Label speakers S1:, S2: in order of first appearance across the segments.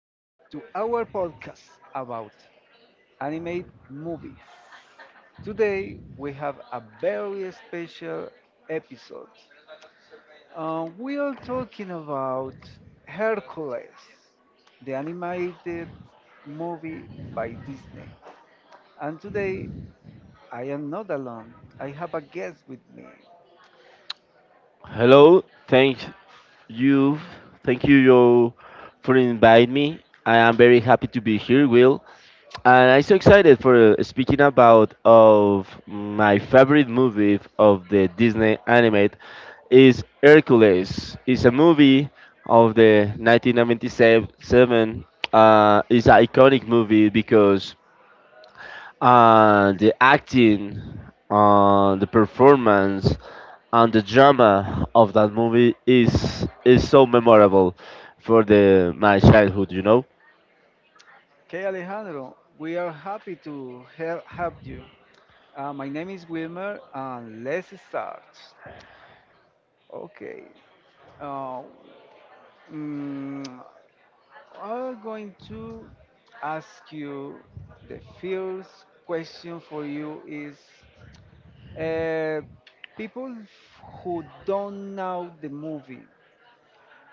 S1: to our podcast about animated movies. Today, we have a very special episode. We are talking about Hercules, the animated movie by Disney. And today, I am not alone. I have a guest with me.
S2: Hello, you, thank you, yo, for inviting me. I am very happy to be here, Will, and I'm so excited for speaking about of my favorite movie of the Disney animate is Hercules. It's a movie of the 1997. It's an iconic movie because the acting, the performance, and the drama of that movie is so memorable for the my childhood.
S1: Okay, Alejandro, we are happy to have you. My name is Wilmer, and let's start. Okay. Uh, mm, I'm going to ask you the first question for you is uh, people who don't know the movie,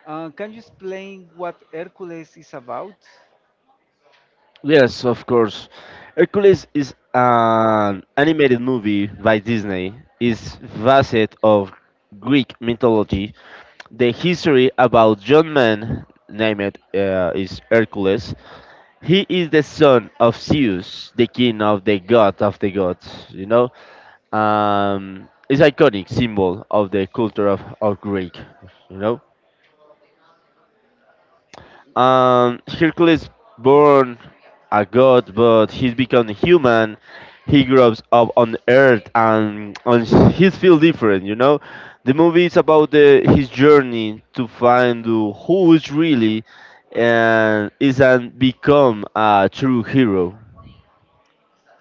S1: can you explain what Hercules is about?
S2: Yes, of course. Hercules is an animated movie by Disney, is facet of Greek mythology, the history about young man named is Hercules. He is the son of Zeus, the king of the god of the gods. Is iconic symbol of the culture of Greek. You know, Hercules born a god, but he's become a human. He grows up on Earth, and he feel different. You know, the movie is about his journey to find who is really and is and become a true hero.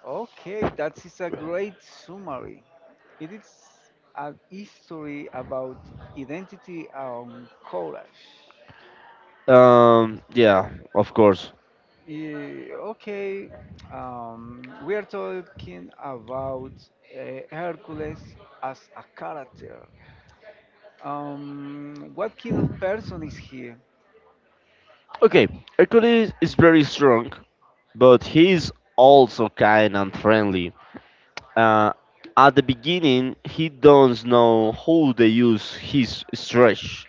S1: Okay, that is a great summary. It is a history about identity and courage.
S2: Yeah, of course.
S1: Yeah, okay, we are talking about Hercules as a character. What kind of person is he?
S2: Okay, Hercules is very strong but he's also kind and friendly. Uh, at the beginning, he doesn't know how to use his stretch.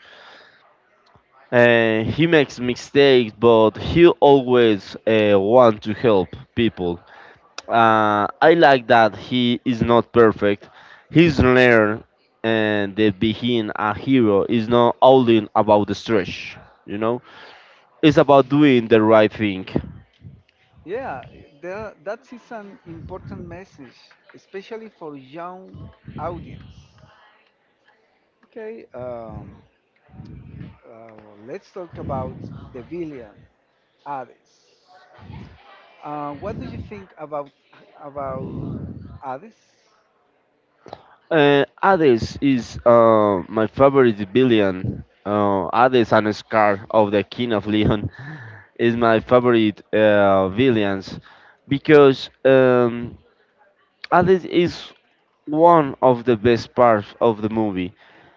S2: And he makes mistakes, but he always wants to help people. I like that he is not perfect. He's learned and that being a hero is not only about the stretch, you know? It's about doing the right thing.
S1: Yeah, that is an important message, especially for young audience. Okay, uh, let's talk about the villain, Hades. What do you think about Hades?
S2: Hades is my favorite villain. Hades and Scar of the King of Leon is my favorite villains because Hades is one of the best parts of the movie.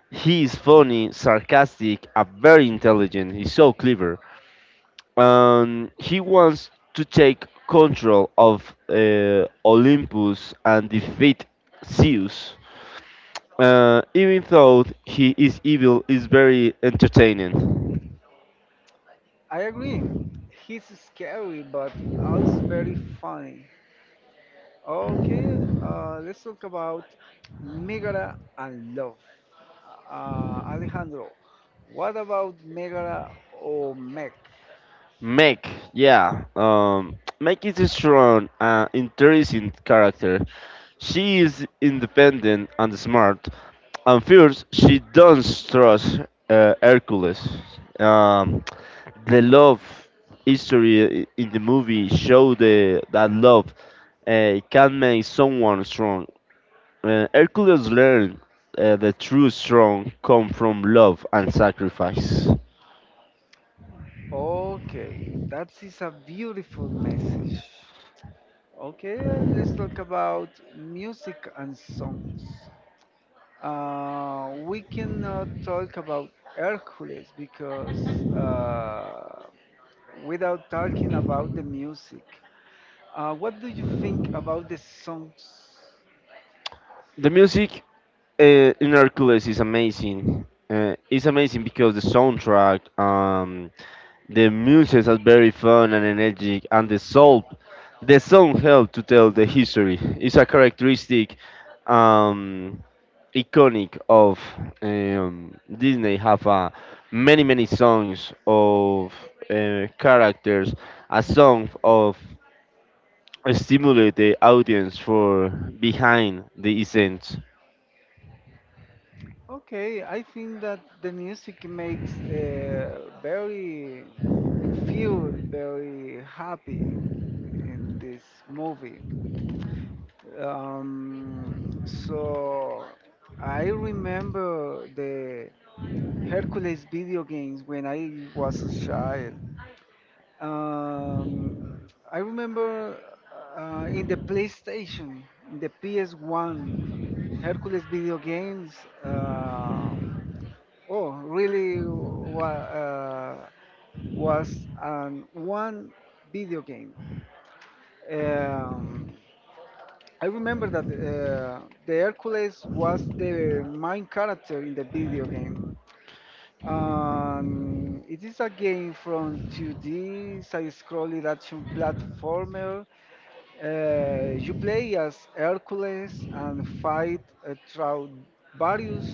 S2: He is funny, sarcastic, and very intelligent. He's so clever. He wants to take control of Olympus and defeat Zeus. Uh, even though he is evil, is very entertaining.
S1: I agree. He's scary, but also very funny. Okay, let's talk about Megara and Love. Alejandro, what about Megara or Meg?
S2: Meg, yeah, Meg is a strong, interesting character. She is independent and smart. And first, she doesn't trust Hercules. Um, the love history in the movie show the that love can make someone strong. Hercules learned the true strong come from love and sacrifice.
S1: Okay, that is a beautiful message. Okay, let's talk about music and songs. We cannot talk about Hercules because. Uh, without talking about the music. What do you think about the songs?
S2: The music in Hercules is amazing. It's amazing because the soundtrack, the muses are very fun and energetic, and the soul, the song helps to tell the history. It's a characteristic, um, iconic of Disney. Have many songs of characters, a song of stimulate the audience for behind the scenes.
S1: Okay, I think that the music makes very feel very happy in this movie. Um, so I remember the Hercules video games when I was a child. Um, I remember in the PlayStation, in the PS1, Hercules video games. Um, oh, really wa- uh, was one video game. Um, I remember that the Hercules was the main character in the video game. It is a game from 2D side-scrolling action platformer. You play as Hercules and fight through various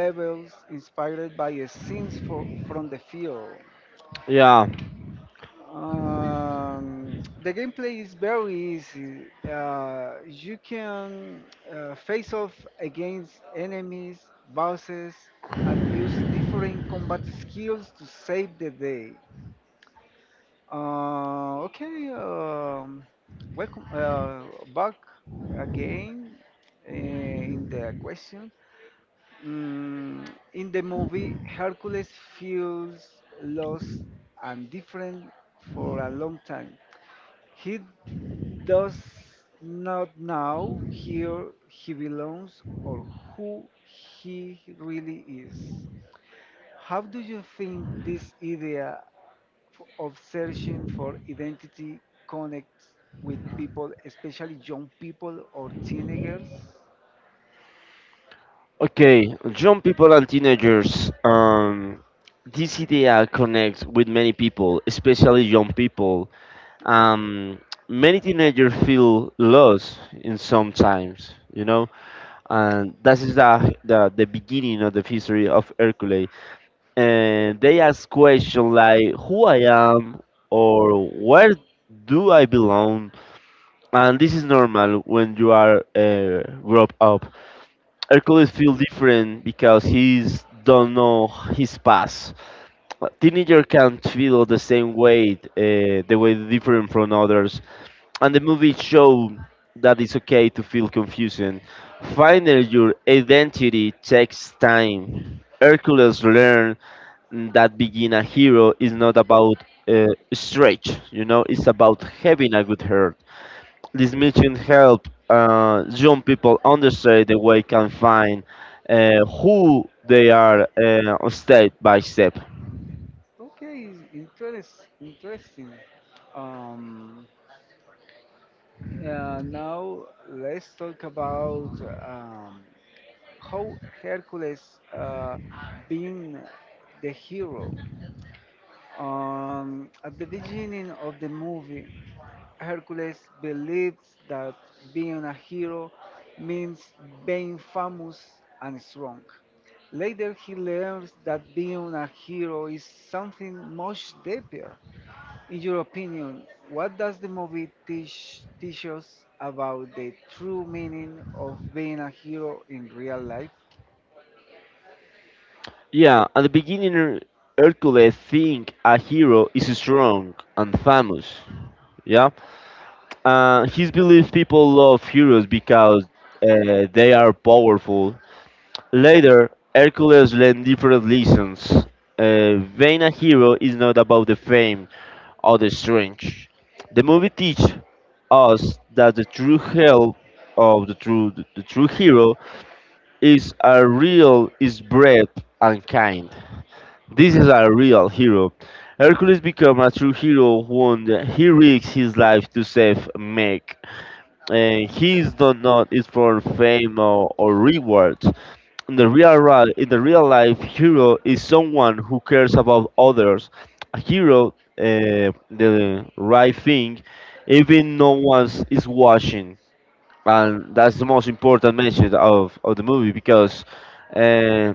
S1: levels inspired by scenes from the film.
S2: Yeah.
S1: The gameplay is very easy. You can face off against enemies, bosses, and use different combat skills to save the day. Okay, welcome back again in the question. Mm, in the movie, Hercules feels lost and different for a long time. He does not know here he belongs or who he really is. How do you think this idea of searching for identity connects with people, especially young people or teenagers?
S2: Okay, young people and teenagers. This idea connects with many people, especially young people. Um, many teenagers feel lost in sometimes, you know, and that is the beginning of the history of Hercules. And they ask questions like, "Who I am?" or "Where do I belong?" And this is normal when you are grown up. Hercules feels different because he's don't know his past. A Teenager can feel the same way, the way different from others, and the movie show that it's okay to feel confusion. Finding your identity takes time. Hercules learned that being a hero is not about uh, strength, you know, it's about having a good heart. This mission help young people understand the way can find who they are step by step.
S1: Okay, interesting. Um, Now let's talk about um, how Hercules uh, being the hero. At the beginning of the movie, Hercules believes that being a hero means being famous and strong. Later, he learns that being a hero is something much deeper. In your opinion, what does the movie teach us about the true meaning of being a hero in real life?
S2: Yeah, at the beginning, Hercules think a hero is strong and famous. Yeah, he believes people love heroes because they are powerful. Later, Hercules learned different lessons. Being a hero is not about the fame; other strange. The movie teach us that the true help of the true hero is a real is brave and kind. This is a real hero. Hercules become a true hero when he risks his life to save Meg. And he is done not is for fame or reward. In the real in the real life, hero is someone who cares about others. A hero, the right thing, even no one is watching, and that's the most important message of the movie because uh,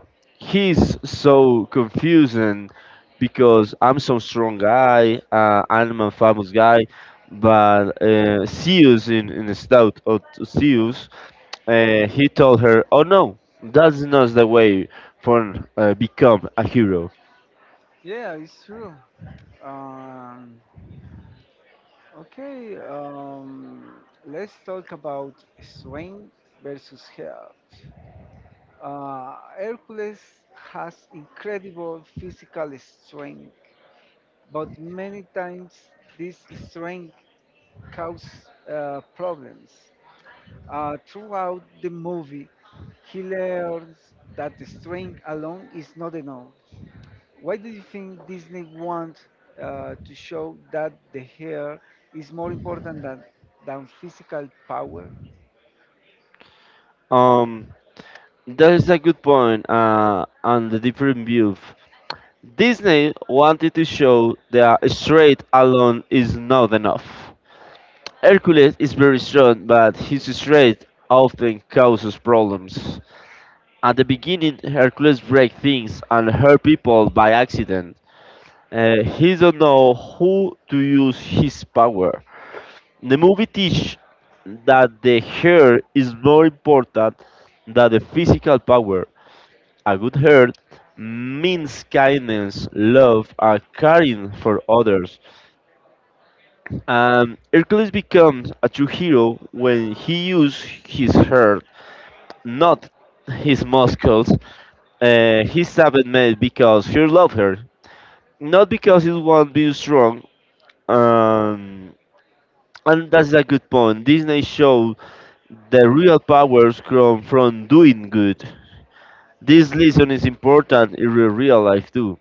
S2: he's so confusing because I'm some strong guy, I'm a famous guy, but Zeus in the stout of Zeus he told her, "Oh no, that's not the way for become a hero."
S1: Yeah, it's true. Um, okay, let's talk about strength versus health. Hercules has incredible physical strength, but many times this strength causes problems. Throughout the movie, he learns that the strength alone is not enough. Why do you think Disney wants to show that the hair is more important than physical power?
S2: Um, that is a good point on the different view. Disney wanted to show that straight alone is not enough. Hercules is very strong, but his strength often causes problems. At the beginning, Hercules breaks things and hurt people by accident. He don't know who to use his power. The movie teach that the hair is more important than the physical power. A good hair means kindness, love, and caring for others. And Hercules becomes a true hero when he uses his hair, not his muscles. His savage made because he loved her, not because he wants to be strong. Um, and that's a good point. Disney shows the real powers come from doing good. This lesson is important in your real life too.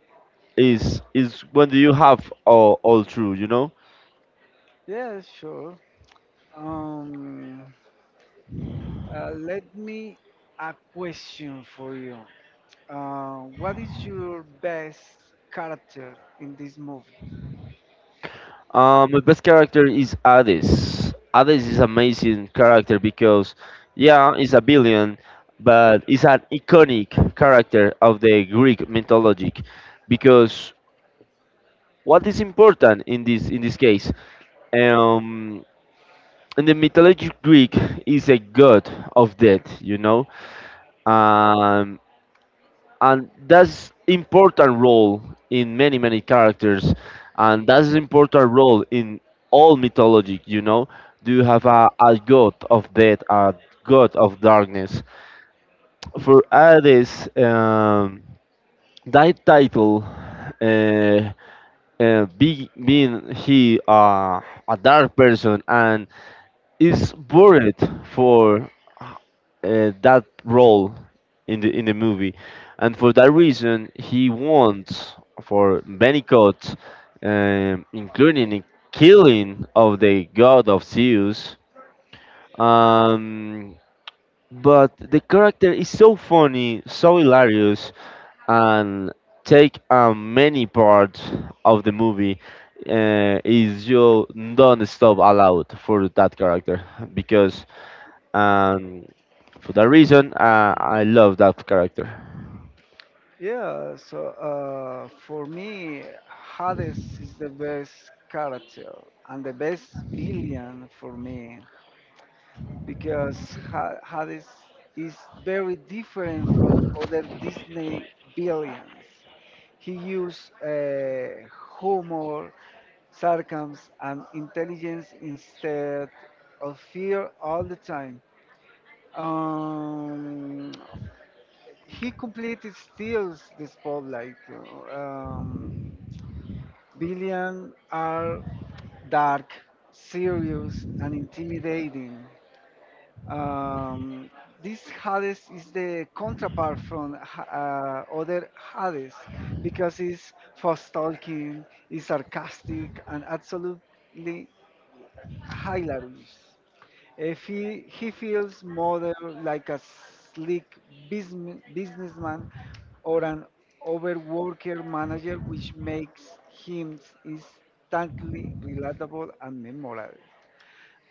S2: Is when you have all true, you know.
S1: Yeah, sure. Um, Let me a question for you. What is your best character in this movie?
S2: My best character is Hades. Hades is amazing character because, yeah, he's a billion, but he's an iconic character of the Greek mythology. Because what is important in this case? Um, in the mythology Greek is a god of death, you know. um, and that's important role in many characters and that's important role in all mythology, you know. Do you have a god of death, a god of darkness for Hades. That title, uh, being he a dark person and is buried for that role in the movie, and for that reason he wants for many gods, including the killing of the god of Zeus. Um, but the character is so funny, so hilarious, and take a many part of the movie. Is you don't stop allowed for that character because and for that reason, I love that character.
S1: Yeah, so for me, Hades is the best character and the best villain for me because Hades is very different from other Disney villains. He used humor sarcasm, and intelligence instead of fear all the time. Um, he completely steals the spotlight. Um, billion are dark, serious, and intimidating. Um, this Hades is the counterpart from other Hades because it's fast talking, it's sarcastic, and absolutely hilarious. If he feels more like a slick businessman or an overworker manager, which makes him instantly relatable and memorable.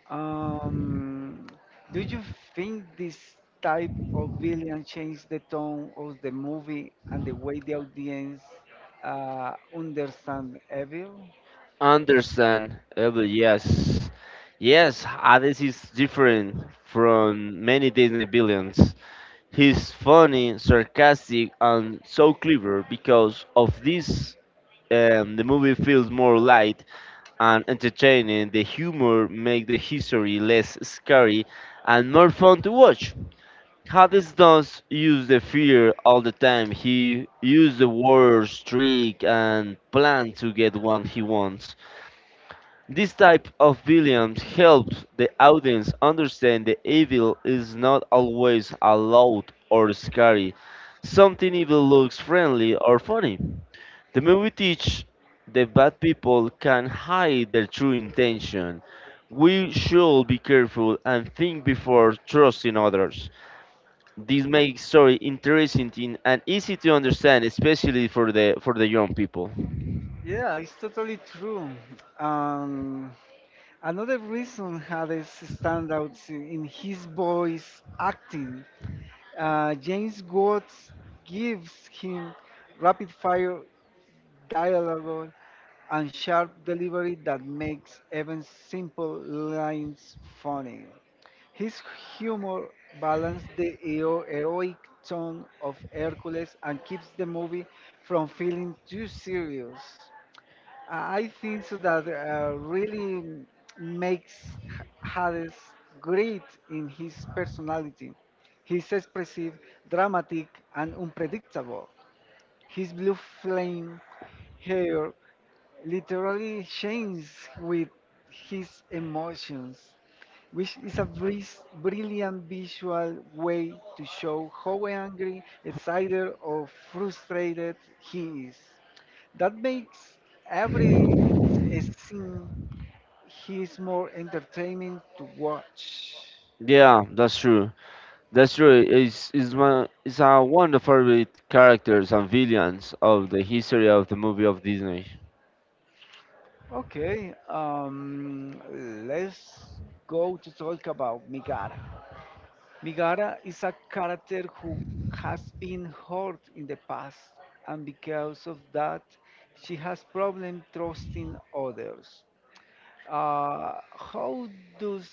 S1: Um, do you think this type of villain changed the tone of the movie and the way the audience understand evil?
S2: Understand, Abel, yes. Yes, Hades is different from many Disney villains. He's funny, sarcastic, and so clever because of this. The movie feels more light and entertaining. The humor makes the history less scary and more fun to watch. Hades does use the fear all the time. He uses the words, trick, and plan to get what he wants. This type of villains helps the audience understand the evil is not always loud or scary. Something evil looks friendly or funny. The movie teaches that bad people can hide their true intention. We should be careful and think before trusting others. This makes story interesting and easy to understand, especially for the young people.
S1: Yeah, it's totally true. Um, Another reason Hades stands out in his voice acting. James Woods gives him rapid fire dialogue and sharp delivery that makes even simple lines funny. His humor balances the heroic tone of Hercules and keeps the movie from feeling too serious. I think so that really makes Hades great in his personality. He's expressive, dramatic, and unpredictable. His blue flame hair literally shines with his emotions, which is a brilliant visual way to show how angry, excited, or frustrated he is. That makes every scene he is more entertaining to watch.
S2: Yeah, that's true. That's true. It's, one, it's One of the favorite characters and villains of the history of the movie of Disney.
S1: Okay, let's go to talk about Migara. Migara is a character who has been hurt in the past, and because of that, she has problem trusting others. How does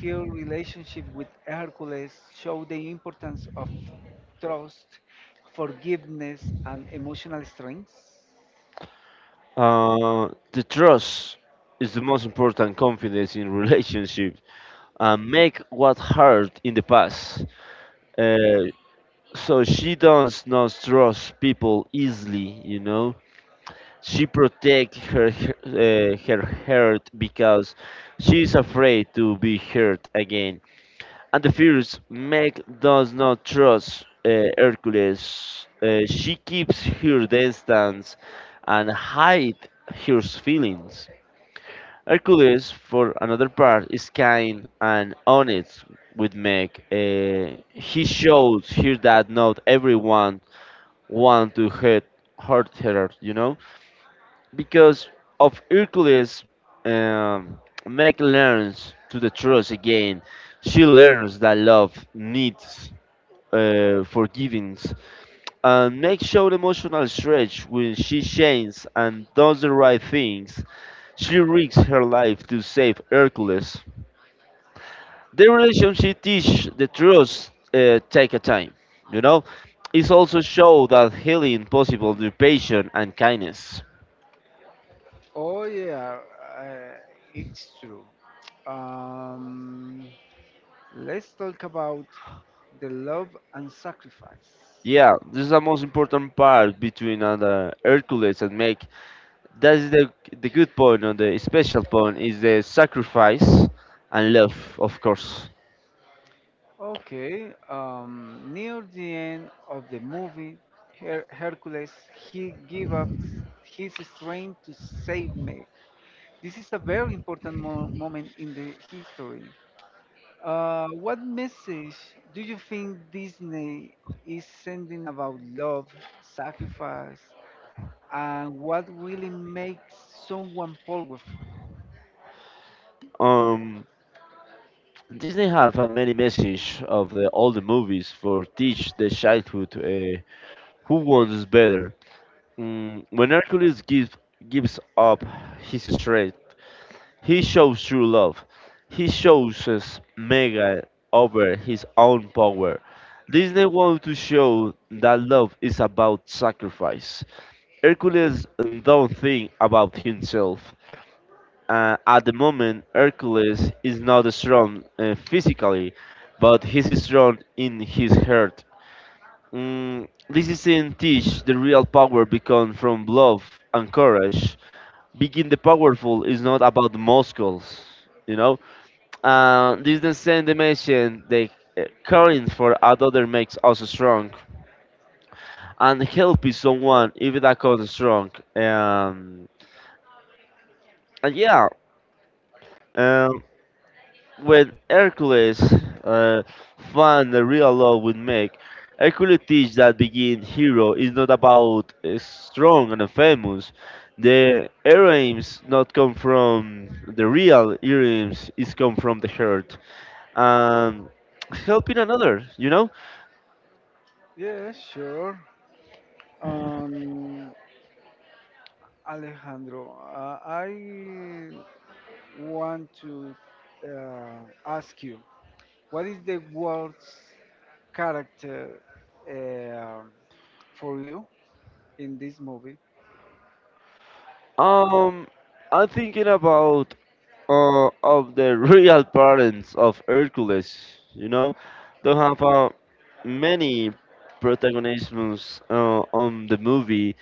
S1: her relationship with Hercules show the importance of trust, forgiveness, and emotional strength?
S2: The trust is the most important confidence in relationships and make what hurt in the past. Uh, so she does not trust people easily, you know. She protect her, her heart because she is afraid to be hurt again. And the fears Meg does not trust Hercules. She keeps her distance and hide her feelings. Hercules, for another part, is kind and honest with Meg. He shows her that not everyone want to hurt her, you know, because of Hercules, um, Meg learns to the truth again. She learns that love needs forgiveness. And Meg showed emotional stretch when she changes and does the right things. She risks her life to save Hercules. The relationship teach the truth take a time, you know. It's also show that healing possible through patience and kindness.
S1: Oh yeah, uh, it's true. Um, let's talk about the love and sacrifice.
S2: Yeah, this is the most important part between the Hercules and Meg. That is the good point or the special point is the sacrifice and love, of course.
S1: Okay, near the end of the movie, Hercules he give up his strength to save Meg. This is a very important moment in the history. What message do you think Disney is sending about love, sacrifice, and what really makes someone powerful?
S2: Um, Disney have a many message of the all the movies for teach the childhood who wants better. Mm, when Hercules gives up his strength, he shows true love. He shows us mega over his own power. Disney wants to show that love is about sacrifice. Hercules don't think about himself. At the moment, Hercules is not strong physically, but he's strong in his heart. Mm, this is in teach the real power becomes from love and courage. Being the powerful is not about muscles, you know. This the same dimension that caring for another makes us strong, and helping someone even that cause strong. Um, and yeah, um, when Hercules uh, found the real love would make, Hercules teach that being hero is not about strong and famous. The heroines not come from the real heroines, is come from the heart. Um, Helping another, you know?
S1: Yeah, sure. Um, Alejandro, I want to ask you what is the worst character uh, for you in this movie?
S2: Um, I'm thinking about of the real parents of Hercules. You know, they have many protagonisms on the movie,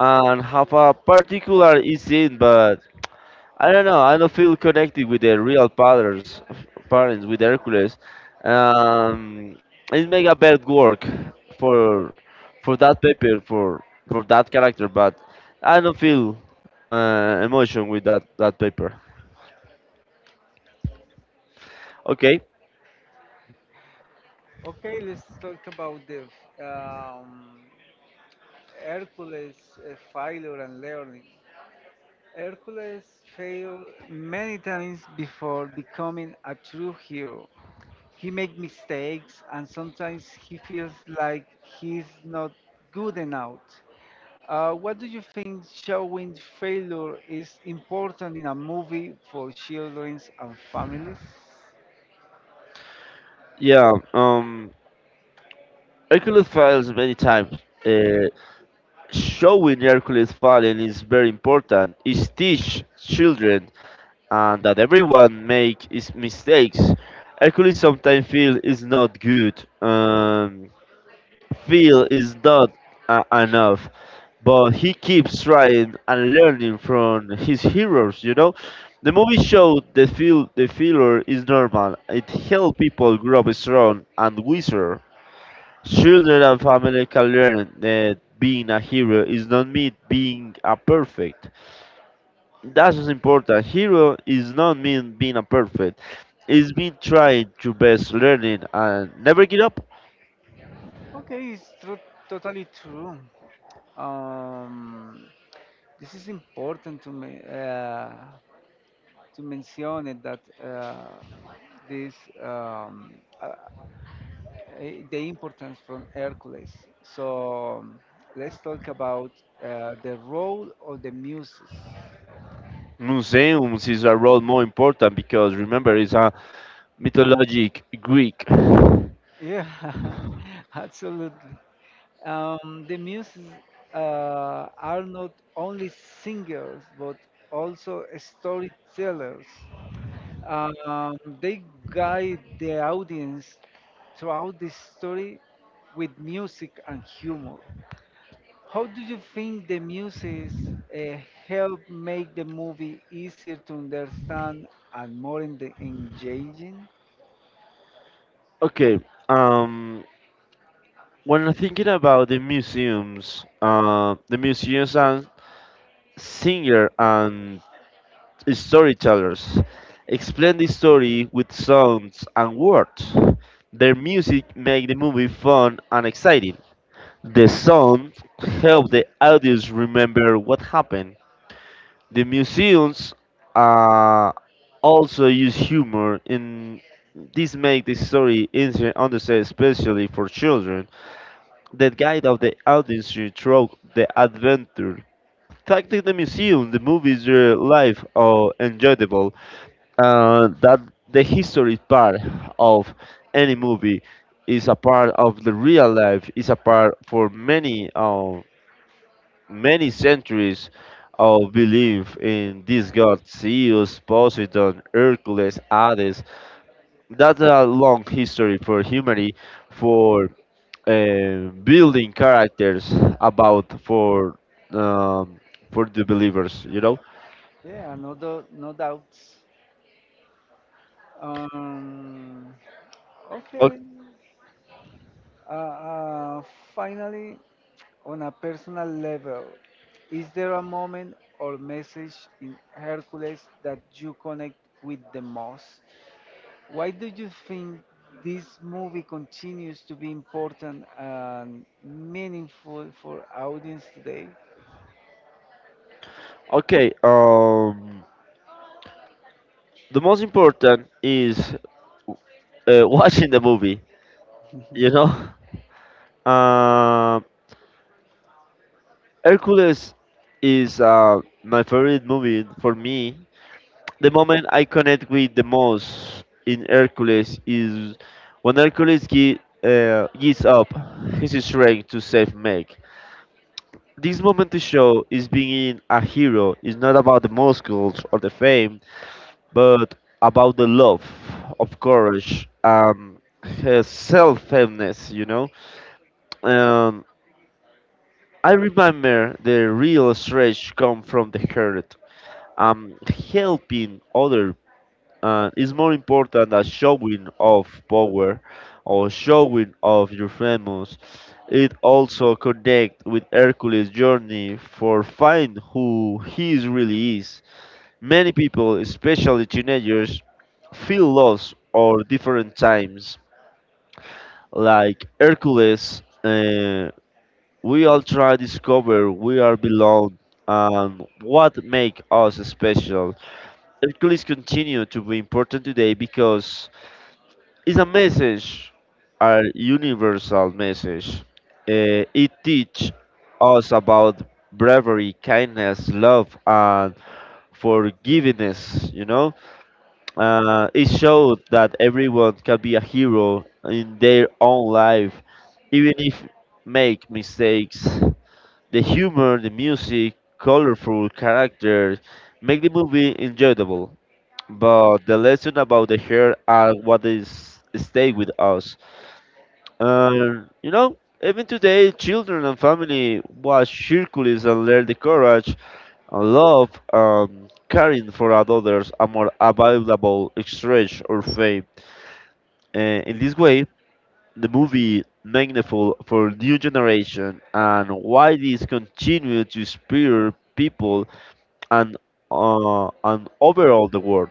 S2: and have a particular scene, but I don't know. I don't feel connected with the real fathers, parents with Hercules. Um, it make a bad work for for that paper for that character, but I don't feel emotion with that paper. Okay,
S1: Okay, let's talk about the um, Hercules, Philo, and Learning. Hercules failed many times before becoming a true hero. He made mistakes and sometimes he feels like he's not good enough. What do you think showing failure is important in a movie for children and families?
S2: yeah. Hercules fails many times. Uh, Showing Hercules falling is very important. It teach children and that everyone make is mistakes. Hercules sometimes feel is not good, feel is not enough, but he keeps trying and learning from his heroes. You know, the movie showed the feel the failure is normal. It helps people grow up strong and wiser. Children and family can learn that being a hero is not mean being a perfect. That's what's important. Hero is not mean being a perfect. It's mean trying your best, learning, and never give up.
S1: Okay, totally true. Um, this is important to me to mention it that this um, uh, the importance from Hercules. So let's talk about the role of the muses.
S2: Museums is a role more important because remember it's a mythologic Greek.
S1: Yeah, absolutely. The muses are not only singers but also storytellers. They guide the audience throughout the story with music and humor. How do you think the muses uh, help make the movie easier to understand and more in the engaging?
S2: Okay, um, when I'm thinking about the museums and singer and storytellers explain the story with sounds and words. Their music make the movie fun and exciting. The sound helped the audience remember what happened. The museums uh, also use humor and this make the story easier to understand, especially for children. The guide of the audience through the adventure. Thanks to the museum, the movies are live or enjoyable. That the history part of any movie is a part of the real life. Is a part for many. Many centuries of belief in this god Zeus, Poseidon, Hercules, Hades. That's a long history for humanity, for building characters about um, for the believers. You know.
S1: Yeah, no, no doubts. Um,
S2: O-
S1: okay. Uh, uh, Finally, on a personal level, is there a moment or message in Hercules that you connect with the most? Why do you think this movie continues to be important and meaningful for audience today?
S2: Okay. The most important is uh, watching the movie. You know. Um Hercules is my favorite movie for me the moment I connect with the most in Hercules is when Hercules gives up his strength to save Meg. This moment to show is being a hero is not about the muscles or the fame, but about the love of courage and self-fairness, you know. Um, I remember the real stretch come from the heart. Um, Helping other and it's more important that showing of power or showing of your famous. It also connect with Hercules journey for find who he is really is. Many people, especially teenagers, feel lost or different times like Hercules, we all try to discover we are belong and what make us special. Hercules continue to be important today because it's a message, a universal message. It teaches us about bravery, kindness, love, and forgiveness. You know, it showed that everyone can be a hero in their own life, even if make mistakes. The humor, the music, colorful characters make the movie enjoyable. But the lesson about the hair are what is stay with us. You know, even today, children and family watch Hercules and learn the courage and love and caring for others are more available exchange or faith. Uh, in this way, the movie meaningful for new generation and why this continue to inspire people and and overall the world.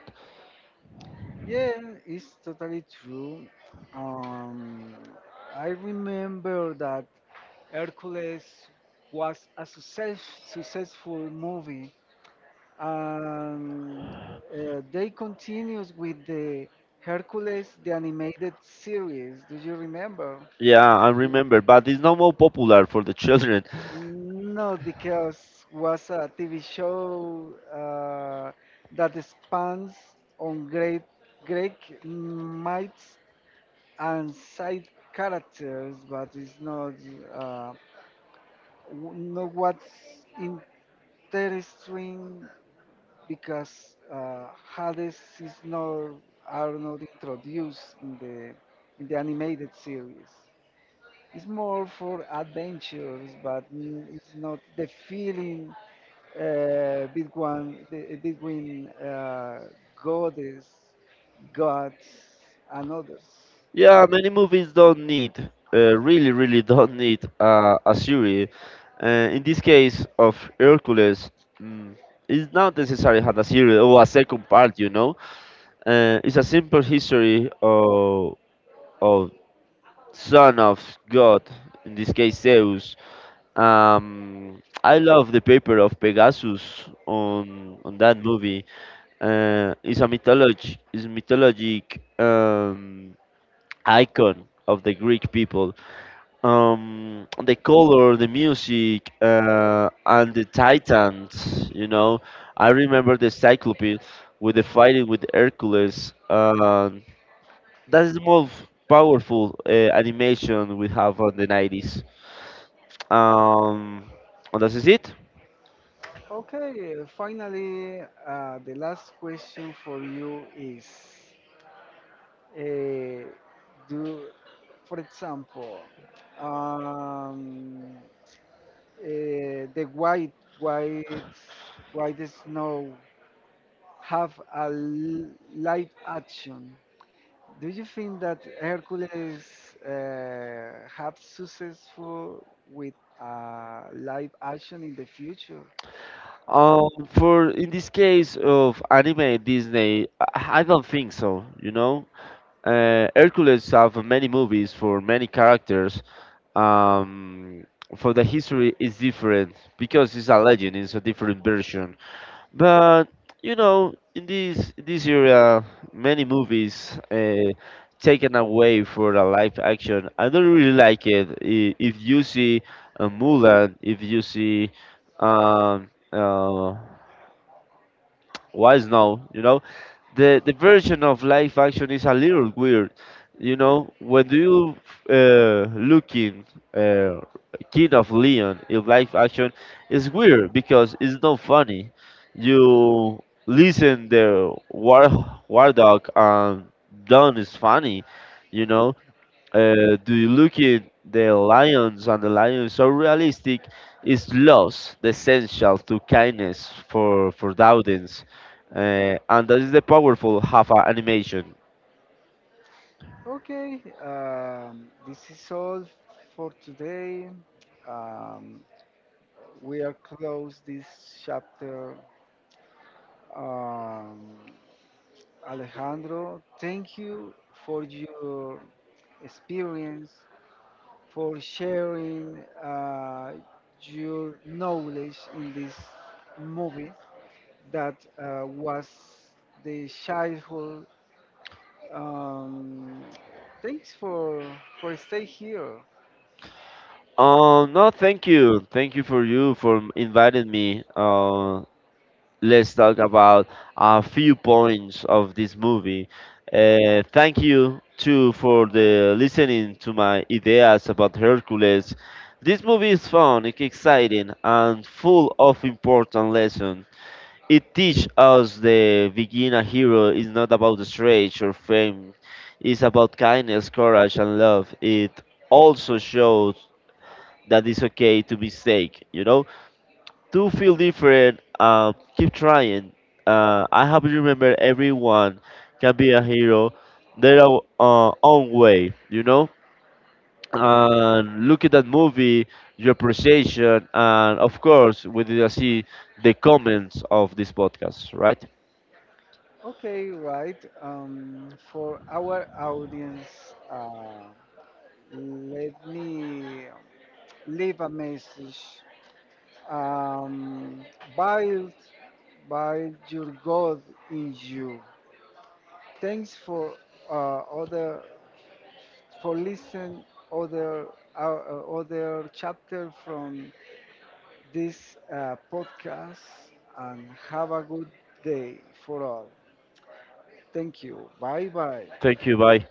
S1: Yeah, it's totally true. Um, I remember that Hercules was a successful movie, and they continues with the Hercules, the animated series. Do you remember?
S2: Yeah, I remember, but it's not more popular for the children.
S1: No, because was a TV show that spans on great Greek myths and side characters, but it's not uh, not what's interesting because Hades is not are not introduced in the animated series. It's more for adventures, but it's not the feeling between between goddess, gods, and others.
S2: Yeah, many movies don't need, really, really don't need a series. In this case of Hercules, mm, it's not necessary had a series or a second part. You know, it's a simple history of son of God, in this case Zeus. I love the paper of Pegasus on that movie. It's a mythology, it's mythologic icon of the Greek people. The color, the music, and the titans, you know. I remember the cyclope with the fighting with Hercules, that is the most powerful animation we have on the 90s. um and that is it.
S1: Okay, finally, the last question for you is, uh, do, for example, um, the white, white snow have a live action. Do you think that Hercules have successful with live action in the future?
S2: For in this case of anime Disney, I don't think so, you know. Hercules have many movies for many characters. Um, for the history is different because it's a legend. It's a different version. But you know, in this era, many movies taken away for the live action. I don't really like it. If you see Mulan, if you see um, uh, Wise now, you know. The version of live action is a little weird, you know. When do you looking uh, Kid of Leon in live action, it's weird because it's not funny. You listen the War War Dog and Don is funny, you know. Do you look at the lions and the lion is so realistic is lost the essential to kindness for the audience, and that is the powerful half animation.
S1: Okay, this is all for today. Um, we are close this chapter. Um, Alejandro, thank you for your experience, for sharing uh, your knowledge in this movie that was the childhood. Um, thanks for stay here.
S2: Oh no, thank you, thank you for you for inviting me, let's talk about a few points of this movie. Thank you too for the listening to my ideas about Hercules. This movie is fun, it's exciting, and full of important lessons. It teaches us the being a hero is not about the strength or fame. It's about kindness, courage, and love. It also shows that it's okay to mistake, you know? Do feel different. Keep trying. I hope you remember everyone can be a hero their own way, you know? And look at that movie, your appreciation, and of course, we did see the comments of this podcast, right?
S1: Okay, right. For our audience, uh, let me leave a message. Um, build, build your God in you. Thanks for other for listen other uh, other chapter from this podcast and have a good day for all. Thank you. Bye bye.
S2: Thank you, bye.